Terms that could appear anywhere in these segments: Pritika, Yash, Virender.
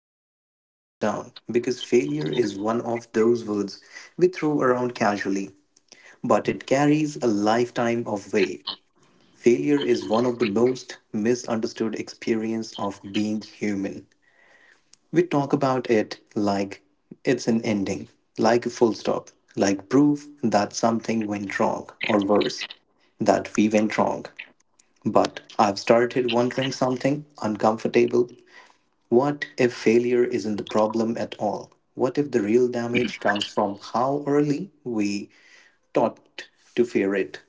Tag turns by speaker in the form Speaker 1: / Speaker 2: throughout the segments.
Speaker 1: want to slow this down because failure is one of those words we throw around casually, but it carries a lifetime of weight. Failure is one of the most misunderstood experience of being human. We talk about it like it's an ending, like a full stop, like proof that something went wrong or worse that we went wrong. But I've started wondering something uncomfortable. What if failure isn't the problem at all? What if the real damage comes from how early we taught to fear it?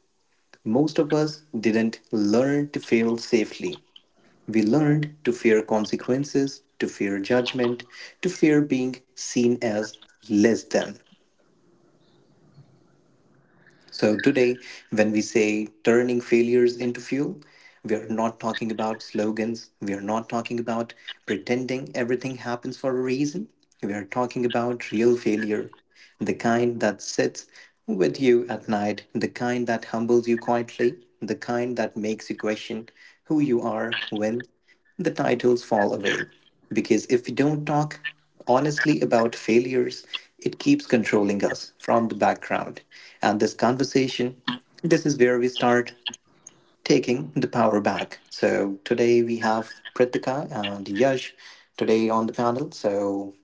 Speaker 1: Most of us didn't learn to fail safely. We learned to fear consequences, to fear judgment, to fear being seen as less than. So, today, when we say turning failures into fuel, we are not talking about slogans. We are not talking about pretending everything happens for a reason. We are talking about real failure, the kind that sits with you at night, the kind that humbles you quietly, the kind that makes you question who you are when the titles fall away. Because if we don't talk honestly about failures, it keeps controlling us from the background. And this conversation, this is where we start taking the power back. So today we have Pritika and Yash today on the panel. So,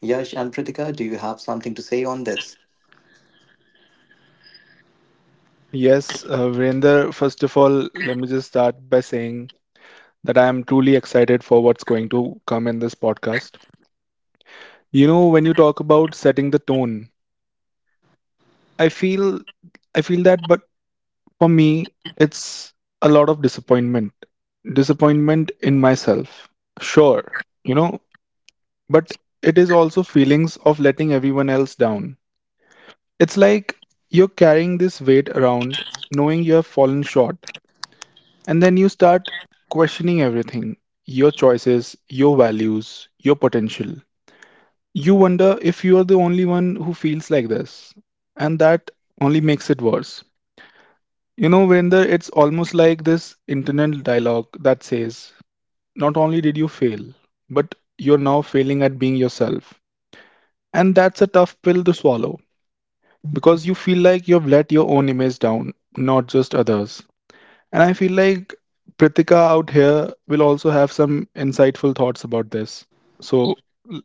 Speaker 1: Yash and Pritika, do you have something to say on this?
Speaker 2: Yes, Virender, first of all, let me just start by saying that I am truly excited for what's going to come in this podcast. You know, when you talk about setting the tone, I feel I feel that but for me it's a lot of disappointment. Disappointment in myself. Sure, you know, but it is also feelings of letting everyone else down. It's like you're carrying this weight around knowing you have fallen short. And then you start questioning everything, your choices, your values, your potential. You wonder if you are the only one who feels like this. And that only makes it worse. You know, Vinder, it's almost like this internal dialogue that says, not only did you fail, but you're now failing at being yourself. And that's a tough pill to swallow because you feel like you've let your own image down, not just others. And I feel like Pritika out here will also have some insightful thoughts about this. So l-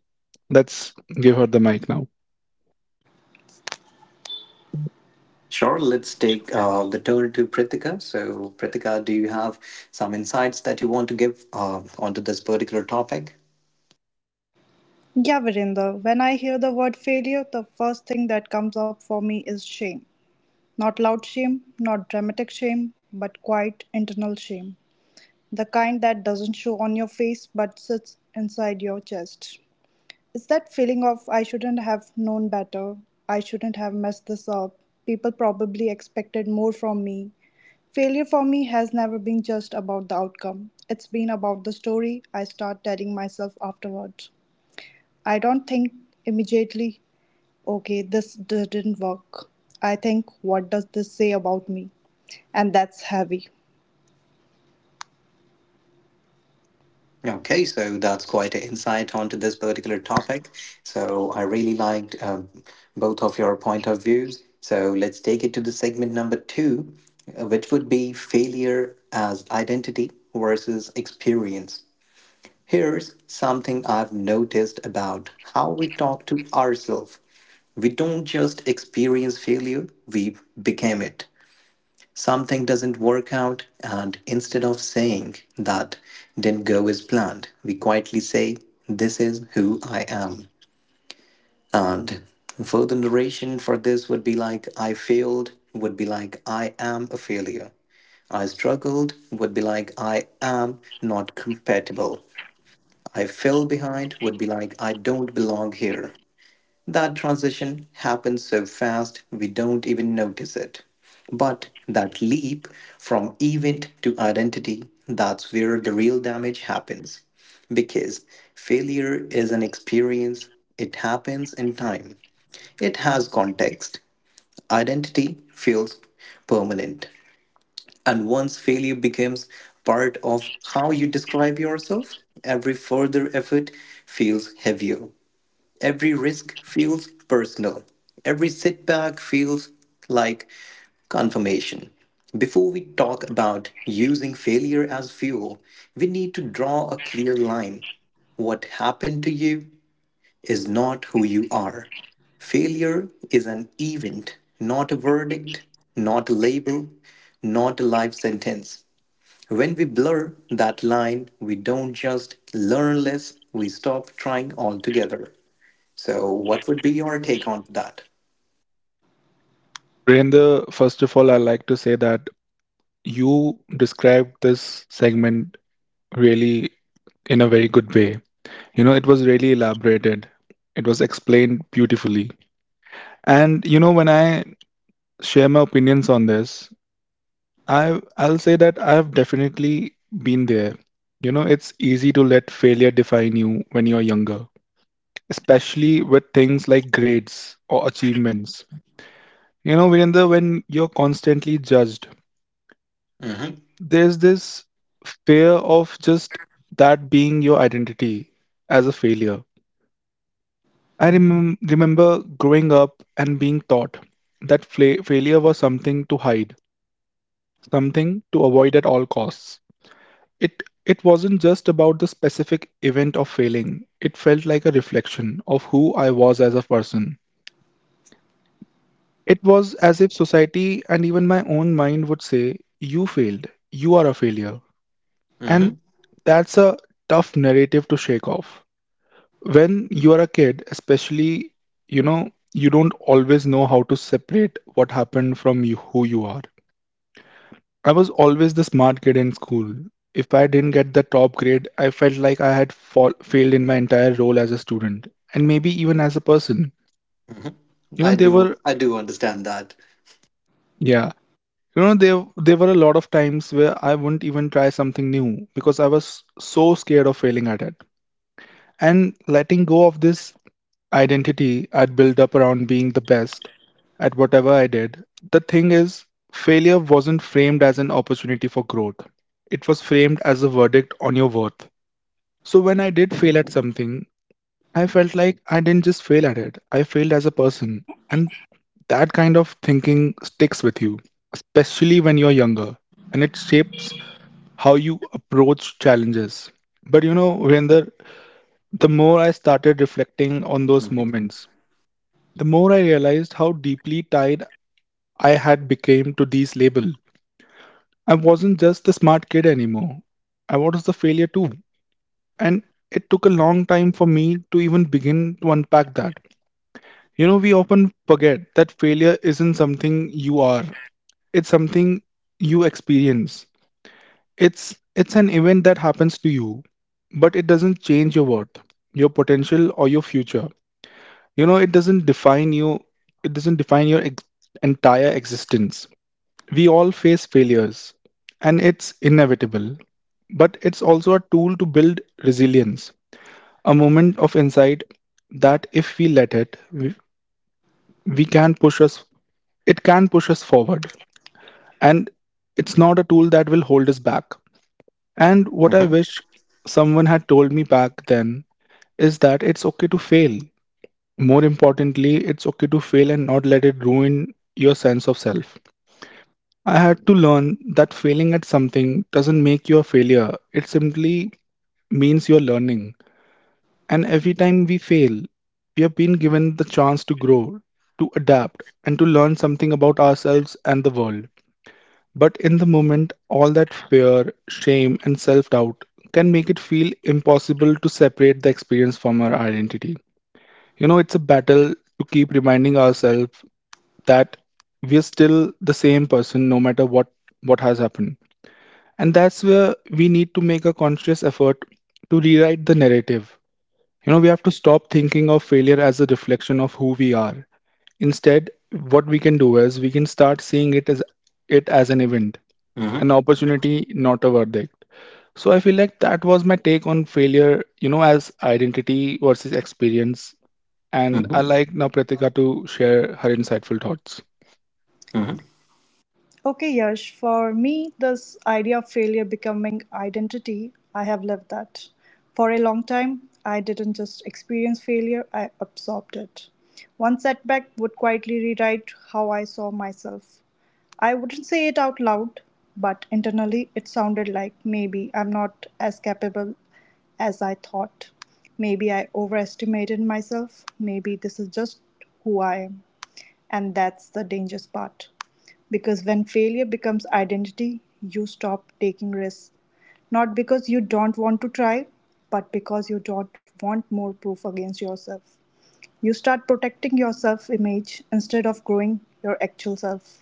Speaker 2: let's give her the mic now.
Speaker 1: Sure, let's take the turn to Pritika. So, Pritika, do you have some insights that you want to give onto this particular topic?
Speaker 3: Yeah, Virender, when I hear the word failure, the first thing that comes up for me is shame. Not loud shame, not dramatic shame, but quiet internal shame. The kind that doesn't show on your face but sits inside your chest. It's that feeling of I shouldn't have known better, I shouldn't have messed this up, people probably expected more from me. Failure for me has never been just about the outcome, it's been about the story I start telling myself afterwards. I don't think immediately, okay, didn't work. I think, what does this say about me? And that's heavy.
Speaker 1: Okay, so that's quite an insight onto this particular topic. So I really liked both of your point of views. So let's take it to the segment number two, which would be failure as identity versus experience. Here's something I've noticed about how we talk to ourselves. We don't just experience failure, we became it. Something doesn't work out, and instead of saying that didn't go as planned, we quietly say, "This is who I am." And further narration for this would be like, I failed, would be like, I am a failure. I struggled would be like, I am not compatible. I fell behind would be like, I don't belong here. That transition happens so fast we don't even notice it. But that leap from event to identity, that's where the real damage happens. Because failure is an experience, it happens in time, it has context. Identity feels permanent. And once failure becomes part of how you describe yourself, every further effort feels heavier. Every risk feels personal. Every setback feels like confirmation. Before we talk about using failure as fuel, we need to draw a clear line. What happened to you is not who you are. Failure is an event, not a verdict, not a label, not a life sentence. When we blur that line, we don't just learn less, we stop trying altogether. So, what would be your take on that?
Speaker 2: Virender, first of all, I'd like to say that you described this segment really in a very good way. You know, it was really elaborated. It was explained beautifully. And you know, when I share my opinions on this, I'll say that I've definitely been there. You know, it's easy to let failure define you when you're younger, especially with things like grades or achievements. You know, Virendra, when you're constantly judged,
Speaker 1: Hmm.
Speaker 2: there's this fear of just that being your identity as a failure. I remember growing up and being taught that failure was something to hide, something to avoid at all costs. It it wasn't just about the specific event of failing. It felt like a reflection of who I was as a person. It was as if society and even my own mind would say, "You failed. You are a failure." And
Speaker 1: Hmm.
Speaker 2: that's a tough narrative to shake off. When you are a kid especially, you know, you don't always know how to separate what happened from you, who you are. I was always the smart kid in school. If I didn't get the top grade, I felt like I had failed in my entire role as a student, and maybe even as a person.
Speaker 1: Hmm.
Speaker 2: You know
Speaker 1: I
Speaker 2: there
Speaker 1: do,
Speaker 2: were
Speaker 1: I do understand that.
Speaker 2: yeah you know, there were a lot of times where I wouldn't even try something new because I was so scared of failing at it and letting go of this identity I'd built up around being the best at whatever I did. The thing is, failure wasn't framed as an opportunity for growth, it was framed as a verdict on your worth. So when I did fail at something, I felt like I didn't just fail at it, I failed as a person. And that kind of thinking sticks with you, especially when you're younger, and it shapes how you approach challenges. But you know, Virender, the more I started reflecting on those
Speaker 1: Hmm.
Speaker 2: moments, the more I realized how deeply tied I had become to these labels. I wasn't just the smart kid anymore. I was the failure too. And it took a long time for me to even begin to unpack that. You know, we often forget that failure isn't something you are. It's something you experience. It's an event that happens to you, but it doesn't change your worth, your potential or your future. You know, it doesn't define you, it doesn't define your entire existence. We all face failures, and it's inevitable, but it's also a tool to build resilience, a moment of insight that if we let it, we can push us, it can push us forward, and it's not a tool that will hold us back. And what I wish someone had told me back then is that it's okay to fail. More importantly, it's okay to fail and not let it ruin your sense of self. I had to learn that failing at something doesn't make you a failure. It simply means you're learning. And every time we fail, we have been given the chance to grow, to adapt, and to learn something about ourselves and the world. But in the moment, all that fear, shame, and self doubt can make it feel impossible to separate the experience from our identity. You know, it's a battle to keep reminding ourselves that we're still the same person no matter what has happened. And that's where we need to make a conscious effort to rewrite the narrative. You know, we have to stop thinking of failure as a reflection of who we are. Instead, what we can do is we can start seeing it as an event,
Speaker 1: Hmm.
Speaker 2: an opportunity, not a verdict. So I feel like that was my take on failure, you know, as identity versus experience. And I
Speaker 1: Hmm.
Speaker 2: like now Pratika to share her insightful thoughts.
Speaker 3: Okay, Yash, for me, this idea of failure becoming identity, I have lived that. For a long time, I didn't just experience failure, I absorbed it. One setback would quietly rewrite how I saw myself. I wouldn't say it out loud, but internally it sounded like maybe I'm not as capable as I thought. Maybe I overestimated myself. Maybe this is just who I am. And that's the dangerous part. Because when failure becomes identity, you stop taking risks. Not because you don't want to try, but because you don't want more proof against yourself. You start protecting your self image instead of growing your actual self.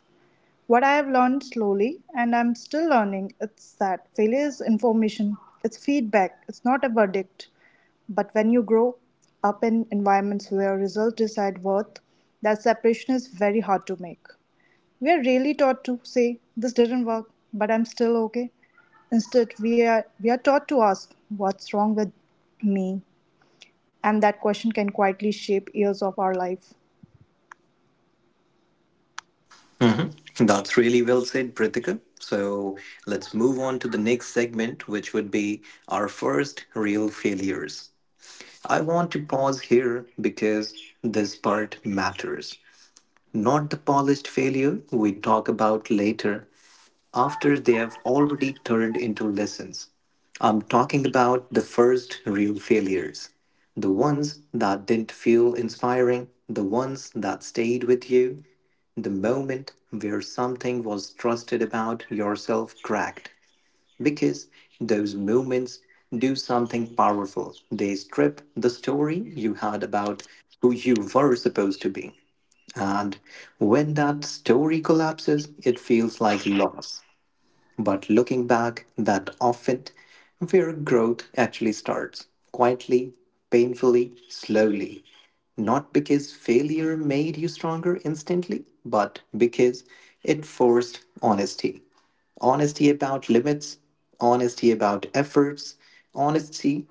Speaker 3: What I have learned slowly, and I'm still learning, it's that failure is information, it's feedback, it's not a verdict. But when you grow up in environments where results decide worth, that separation is very hard to make. We are really taught to say, "This didn't work, but I'm still okay." Instead, we are taught to ask, what's wrong with me? And that question can quietly shape years of our life.
Speaker 1: Hmm. That's really well said, Prithika. So, let's move on to the next segment, which would be our first real failures. I want to pause here because this part matters. Not the polished failure we talk about later, after they have already turned into lessons. I'm talking about the first real failures, the ones that didn't feel inspiring, the ones that stayed with you, the moment where something was trusted about yourself cracked. Because those moments do something powerful. They strip the story you had about who you were supposed to be. And when that story collapses, it feels like loss. But looking back that often where growth actually starts quietly, painfully, slowly. Not because failure made you stronger instantly, but because it forced honesty. Honesty about limits, honesty about efforts, honesty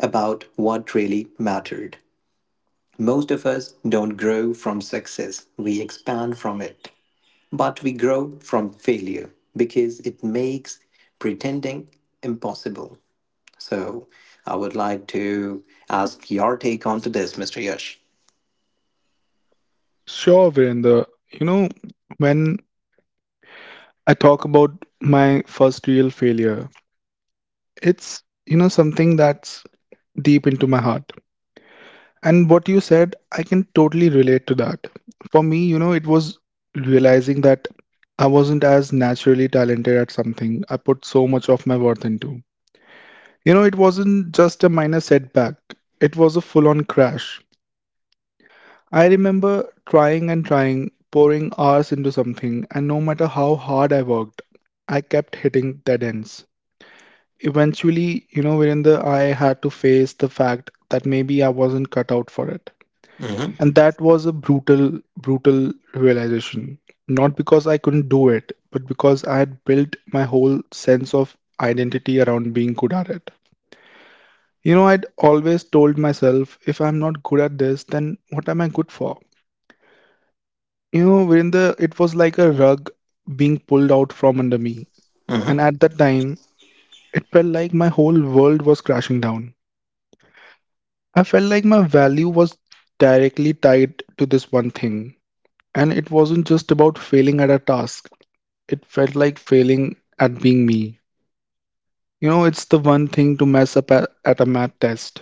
Speaker 1: about what really mattered. Most of us don't grow from success, we expand from it. But we grow from failure because it makes pretending impossible. So I would like to ask your take on to this, Mr. Yash.
Speaker 2: Sure, Virendra. You know, when I talk about my first real failure, it's, you know, something that's deep into my heart. And what you said, I can totally relate to that. For me, you know, it was realizing that I wasn't as naturally talented at something I put so much of my worth into. You know, it wasn't just a minor setback, it was a full on crash. I remember trying and trying, pouring hours into something, and no matter how hard I worked, I kept hitting dead ends. Eventually, you know, Virender, I had to face the fact that maybe I wasn't cut out for it. And that was a brutal, brutal realization. Not because I couldn't do it, but because I had built my whole sense of identity around being good at it. You know, I'd always told myself, if I'm not good at this, then what am I good for? You know, Virender, it was like a rug being pulled out from under me. And
Speaker 1: Mhm.
Speaker 2: at that time, it felt like my whole world was crashing down. I felt like my value was directly tied to this one thing. And it wasn't just about failing at a task, it felt like failing at being me. You know, it's the one thing to mess up at a math test.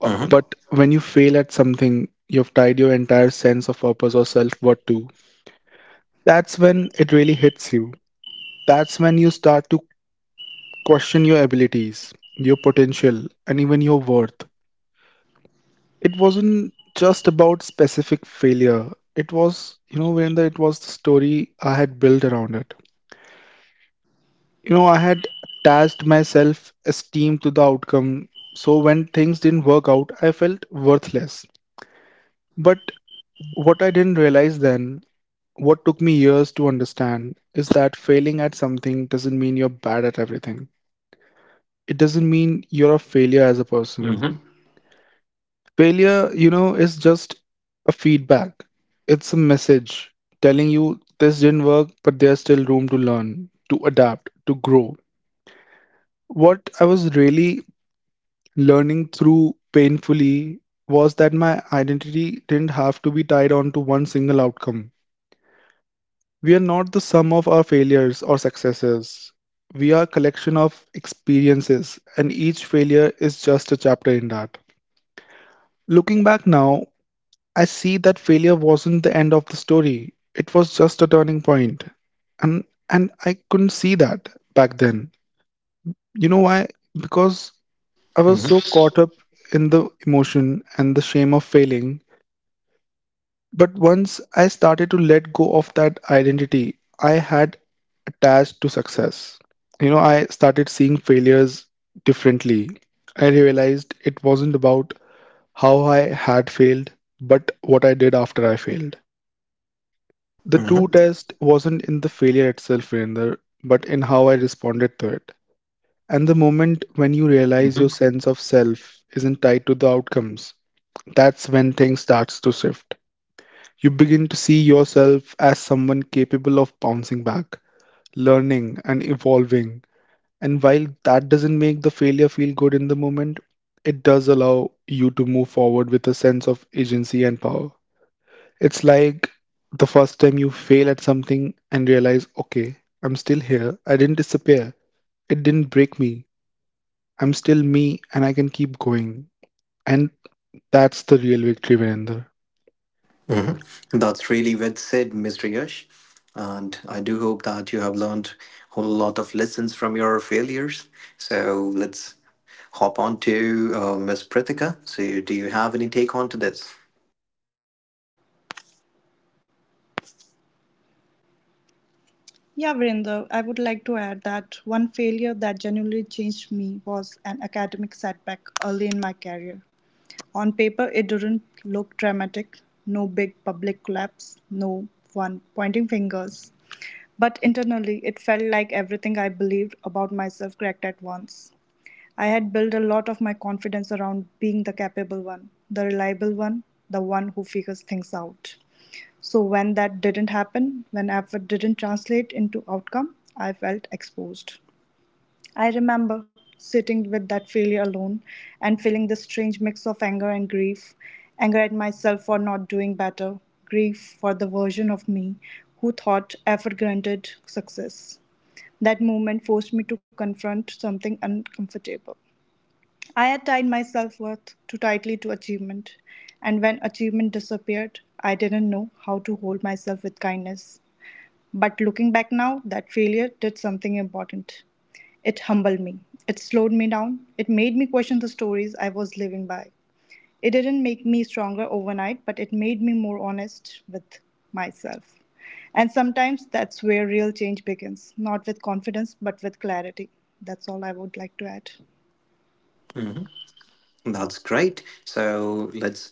Speaker 2: But
Speaker 1: Mhm.
Speaker 2: when you fail at something, you've tied your entire sense of purpose or self worth to. That's when it really hits you. That's when you start to question your abilities, your potential, and even your worth. It wasn't just about specific failure. It was, you know, it was the story I had built around it. You know, I had attached my self esteem to the outcome. So when things didn't work out, I felt worthless. But what I didn't realize then, what took me years to understand, is that failing at something doesn't mean you're bad at everything. It doesn't mean you're a failure as a person.
Speaker 1: Mhm.
Speaker 2: Failure, you know, is just a feedback. It's a message telling you this didn't work, but there's still room to learn, to adapt, to grow. What I was really learning through painfully was that my identity didn't have to be tied on to one single outcome. We are not the sum of our failures or successes. We are a collection of experiences, and each failure is just a chapter in that. Looking back now, I see that failure wasn't the end of the story. It was just a turning point. And I couldn't see that back then. You know why? Because I was so caught up in the emotion and the shame of failing. But once I started to let go of that identity I had attached to success, you know, I started seeing failures differently. I realized it wasn't about how I had failed, but what I did after I failed. The
Speaker 1: Mhm.
Speaker 2: true test wasn't in the failure itself, Virender, but in how I responded to it. And the moment when you realize your
Speaker 1: Mhm.
Speaker 2: sense of self isn't tied to the outcomes, that's when things starts to shift. You begin to see yourself as someone capable of bouncing back, learning and evolving. And while that doesn't make the failure feel good in the moment, it does allow you to move forward with a sense of agency and power. It's like the first time you fail at something and realize, okay, I'm still here. I didn't disappear. It didn't break me. I'm still me and I can keep going. And that's the real victory, Virender.
Speaker 1: Mhm. That's really well said, Mr. Yash. And I do hope that you have learned a whole lot of lessons from your failures. So let's hop on to Ms. Prithika. So do you have any take on to this?
Speaker 3: Yeah, Vrinder, I would like to add that one failure that genuinely changed me was an academic setback early in my career. On paper, it didn't look dramatic, no big public collapse, no one pointing fingers. But internally, it felt like everything I believed about myself cracked at once. I had built a lot of my confidence around being the capable one, the reliable one, the one who figures things out. So when that didn't happen, when effort didn't translate into outcome, I felt exposed. I remember sitting with that failure alone and feeling this strange mix of anger and grief, anger at myself for not doing better, grief for the version of me who thought effort granted success. That moment forced me to confront something uncomfortable. I had tied my self worth too tightly to achievement, and when achievement disappeared, I didn't know how to hold myself with kindness. But looking back now, that failure did something important. It humbled me. It slowed me down. It made me question the stories I was living by. It didn't make me stronger overnight, but it made me more honest with myself. And sometimes that's where real change begins, not with confidence, but with clarity. That's all I would like to add.
Speaker 1: That's great. So let's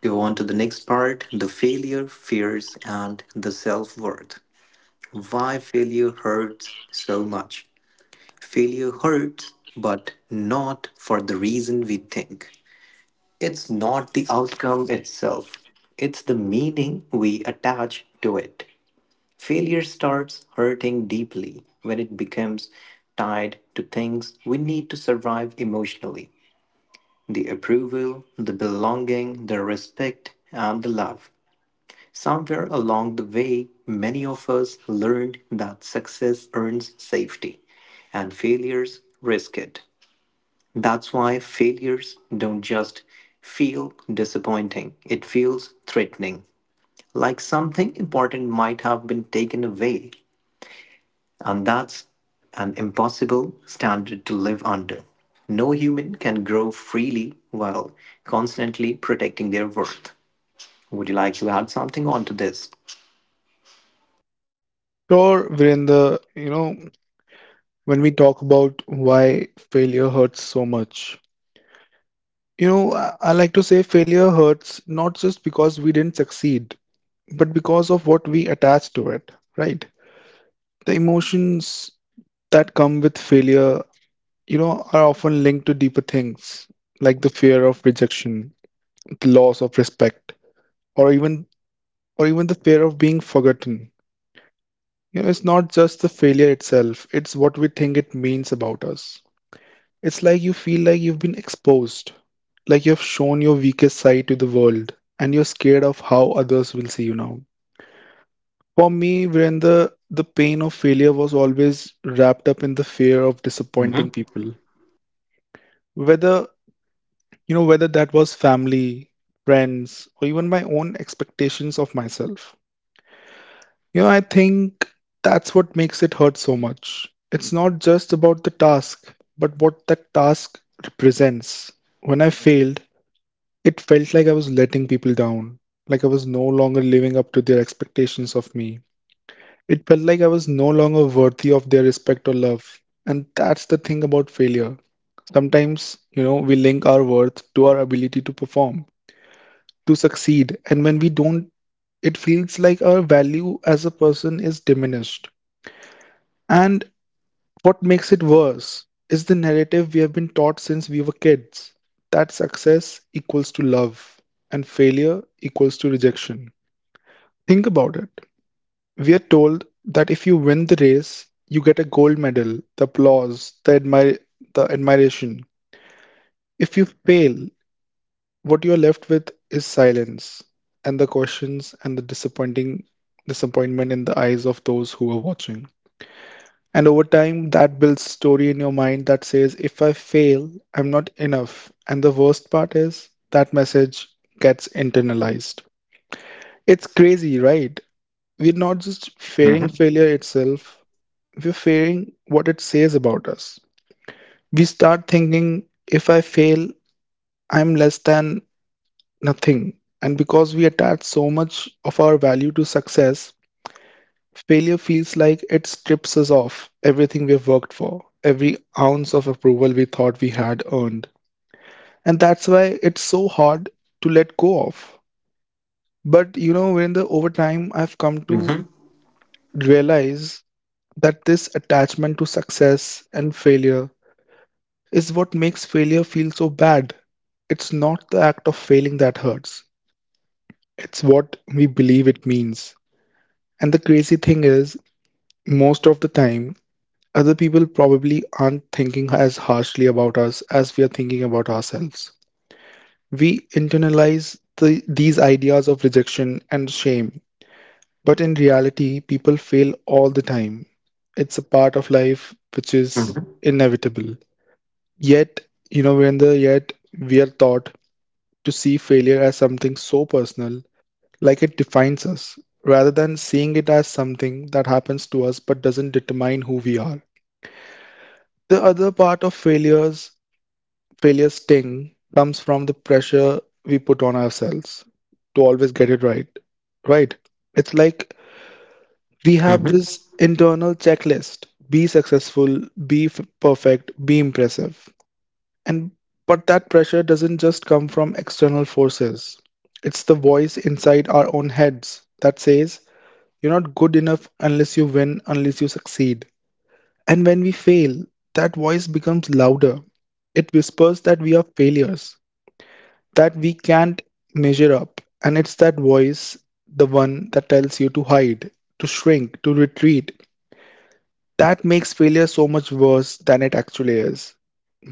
Speaker 1: go on to the next part the failure, fears, and the self worth. Why failure hurts so much. Failure hurts, but not for the reason we think. It's not the outcome itself, it's the meaning we attach to it. Failure starts hurting deeply when it becomes tied to things we need to survive emotionally the approval, the belonging, the respect, and the love. Somewhere along the way, many of us learned that success earns safety and failures risk it. That's why failures don't just feel disappointing, it feels threatening, like something important might have been taken away, and that's an impossible standard to live under. No human can grow freely while constantly protecting their worth. Would you like to add something onto this?
Speaker 2: Sure, Virender, you know, when we talk about why failure hurts so much, you know, I like to say failure hurts not just because we didn't succeed, but because of what we attach to it, right? The emotions that come with failure, you know, are often linked to deeper things like the fear of rejection, the loss of respect, or even or even the fear of being forgotten. It's not just the failure itself, it's what we think it means about us. It's like you feel like you've been exposed, like you have shown your weakest side to the world, and you're scared of how others will see you now. For me, Virendra, the pain of failure was always wrapped up in the fear of disappointing
Speaker 1: Mhm.
Speaker 2: people whether whether that was family, friends, or even my own expectations of myself. I think that's what makes it hurt so much. It's not just about the task, but what that task represents. When I failed, it felt like I was letting people down, like I was no longer living up to their expectations of me. It felt like I was no longer worthy of their respect or love. And that's the thing about failure. Sometimes, we link our worth to our ability to perform, to succeed. And when we don't, it feels like our value as a person is diminished. And what makes it worse is the narrative we have been taught since we were kids, that success equals to love and failure equals to rejection. Think about it. We are told that if you win the race, you get a gold medal, the applause, the admiration. If you fail, what you're left with is silence and the questions and the disappointing disappointment in the eyes of those who are watching. And over time, that builds story in your mind that says, if I fail, I'm not enough. And the worst part is that message gets internalized. It's crazy, right? We're not just fearing failure itself, we're fearing what it says about us. We start thinking, if I fail, I'm less than nothing. And because we attach so much of our value to success, failure feels like it strips us of everything we've worked for, every ounce of approval we thought we had earned. And that's why it's so hard to let go of. But you know, when the over time I've come to
Speaker 1: Mm-hmm.
Speaker 2: realize that this attachment to success and failure is what makes failure feel so bad. It's not the act of failing that hurts. It's what we believe it means. And the crazy thing is, most of the time, other people probably aren't thinking as harshly about us as we are thinking about ourselves. We internalize these ideas of rejection and shame, but in reality, people fail all the time. It's a part of life which is
Speaker 1: Mm-hmm.
Speaker 2: inevitable. Yet, you know, when the yet we are taught to see failure as something so personal, like it defines us, rather than seeing it as something that happens to us but doesn't determine who we are. The other part of failure sting comes from the pressure we put on ourselves to always get it right. Right? It's like we have
Speaker 1: Mm-hmm.
Speaker 2: this internal checklist: be successful, be perfect, be impressive. And but that pressure doesn't just come from external forces. It's the voice inside our own heads that says, "You're not good enough unless you win, unless you succeed." And when we fail, that voice becomes louder. It whispers that we are failures, that we can't measure up. And it's that voice, the one that tells you to hide, to shrink, to retreat, that makes failure so much worse than it actually is.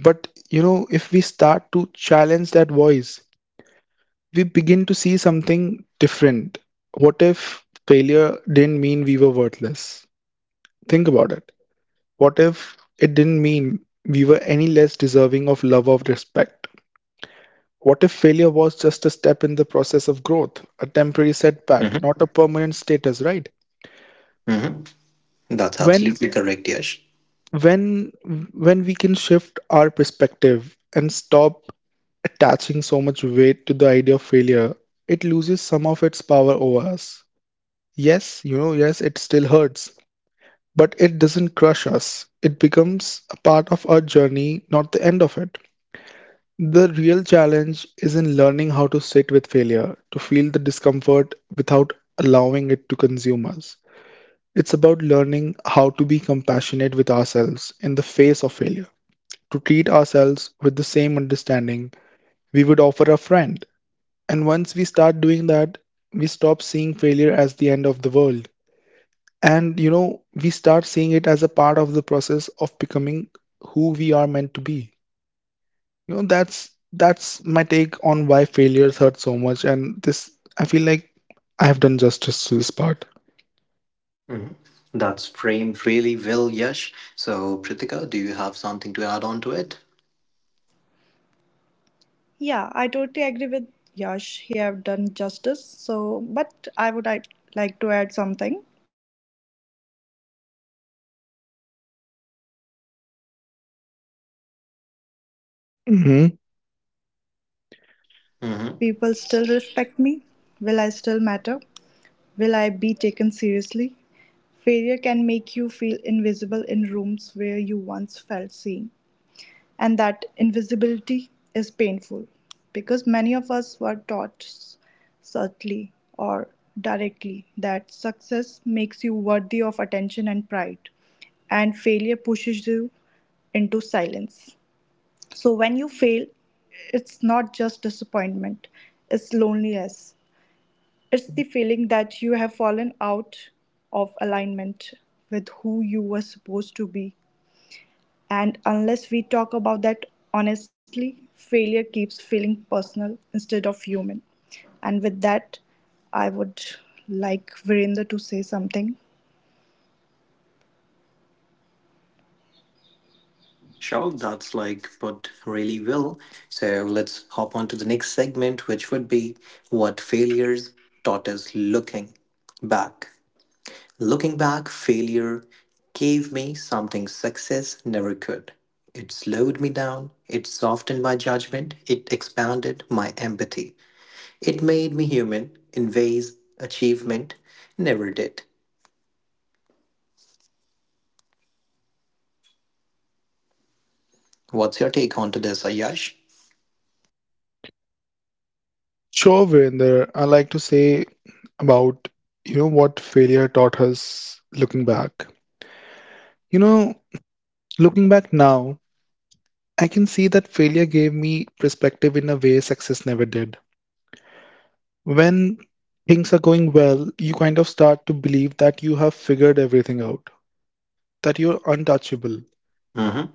Speaker 2: But if we start to challenge that voice, we begin to see something different. What if failure didn't mean we were worthless? Think about it. What if it didn't mean we were any less deserving of love or respect? What if failure was just a step in the process of growth, a temporary setback, not
Speaker 1: Mm-hmm.
Speaker 2: a permanent status, right?
Speaker 1: Mm-hmm. That's
Speaker 2: When
Speaker 1: absolutely correct, Yash.
Speaker 2: when when we can shift our perspective and stop attaching so much weight to the idea of failure, it loses some of its power over us. Yes, yes, it still hurts, but it doesn't crush us. It becomes a part of our journey, not the end of it. The real challenge is in learning how to sit with failure, to feel the discomfort without allowing it to consume us. It's about learning how to be compassionate with ourselves in the face of failure, to treat ourselves with the same understanding we would offer a friend. And once we start doing that, we stop seeing failure as the end of the world. And we start seeing it as a part of the process of becoming who we are meant to be. That's my take on why failures hurt so much, and this I feel like I have done justice to this part.
Speaker 1: Mm-hmm. That's framed really well, Yash. So, Pritika, do you have something to add on to it?
Speaker 3: Yeah, I totally agree with Yash. He have done justice. So, but like to add something. I think failure hurts because it doesn't just challenge our plans, it challenges our belonging. There's this
Speaker 2: Mm-hmm.
Speaker 3: unspoken fear that comes up. Will
Speaker 1: Mm-hmm.
Speaker 3: people still respect me? Will I still matter? Will I be taken seriously? Failure can make you feel invisible in rooms where you once felt seen, and that invisibility is painful, because many of us were taught, subtly or directly, that success makes you worthy of attention and pride, and failure pushes you into silence. So when you fail, it's not just disappointment, it's loneliness, it's the feeling that you have fallen out of alignment with who you were supposed to be. And unless we talk about that honestly, failure keeps feeling personal instead of human. And with that, I would like Virender to say something.
Speaker 1: Sure, that's like put really well. So, let's hop on to the next segment, which would be what failures taught us looking back. Looking back, failure gave me something success never could. It slowed me down, it softened my judgment, it expanded my empathy. It made me human in ways achievement never did. What's your take on to this, Ayash?
Speaker 2: Sure, Virender, I like to say about what failure taught us looking back. You know, Looking back now, I can see that failure gave me perspective in a way success never did. When things are going well, you kind of start to believe that you have figured everything out, that you're untouchable.
Speaker 1: Mm-hmm.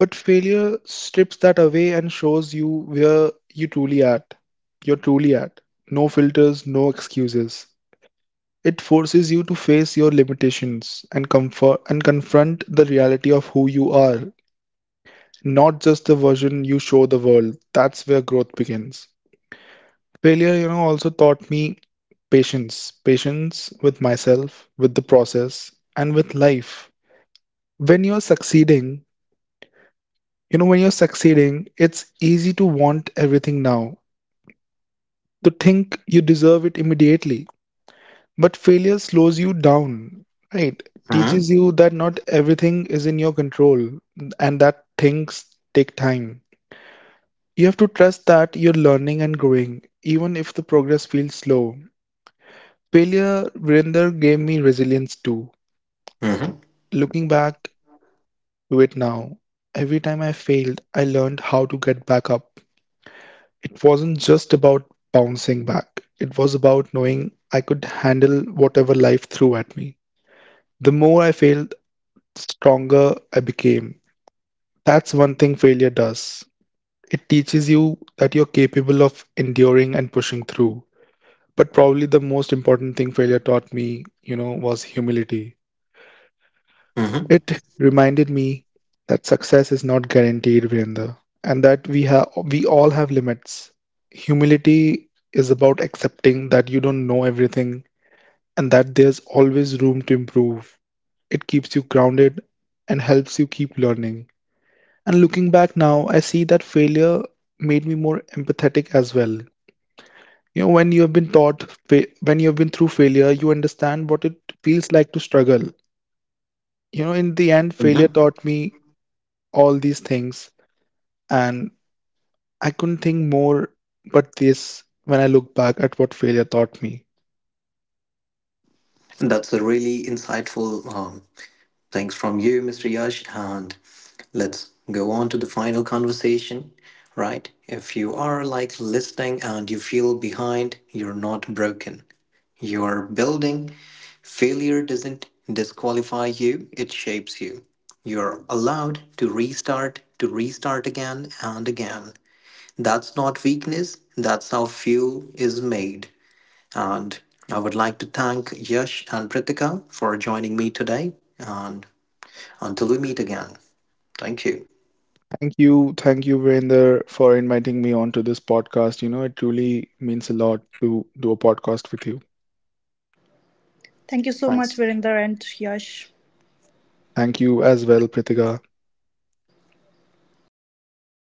Speaker 2: But failure strips that away and shows you where you truly at. You're truly at. No filters, no excuses. It forces you to face your limitations and comfort and confront the reality of who you are, not just the version you show the world. That's where growth begins. Failure, also taught me patience. Patience with myself, with the process, and with life. When you're succeeding, when you're succeeding, it's easy to want everything now, to think you deserve it immediately. But failure slows you down, right?
Speaker 1: Mm-hmm.
Speaker 2: Teaches you that not everything is in your control and that things take time. You have to trust that you're learning and growing, even if the progress feels slow. Failure, Virinder, gave me resilience too. Looking back, do it now. Every time I failed, I learned how to get back up. It wasn't just about bouncing back, it was about knowing I could handle whatever life threw at me. The more I failed, the stronger I became. That's one thing failure does. It teaches you that you're capable of enduring and pushing through. But probably the most important thing failure taught me, was humility.
Speaker 1: Mm-hmm.
Speaker 2: It reminded me that success is not guaranteed, Virender, and that we all have limits. Humility is about accepting that you don't know everything and that there's always room to improve. It keeps you grounded and helps you keep learning. And looking back now, I see that failure made me more empathetic as well. You know, when you have been taught, fa- when you have been through failure, you understand what it feels like to struggle. In the end, failure
Speaker 1: Mm-hmm.
Speaker 2: taught me all these things and I couldn't think more but this when I look back at what failure taught me.
Speaker 1: That's a really insightful thanks from you, Mr. Yash. And let's go on to the final conversation, right? If you are like listening and you feel behind, you're not broken. You're building. Failure doesn't disqualify you, it shapes you. You're allowed to restart again and again. That's not weakness, that's how fuel is made. And I would like to thank Yash and Pritika for joining me today. And until we meet again. Thank you.
Speaker 2: Thank you, Virender, for inviting me onto this podcast. It truly means a lot to do a podcast with you.
Speaker 3: Thank you so much,
Speaker 1: Thanks.
Speaker 3: Virender and Yash.
Speaker 2: Thank you as well, Pritika.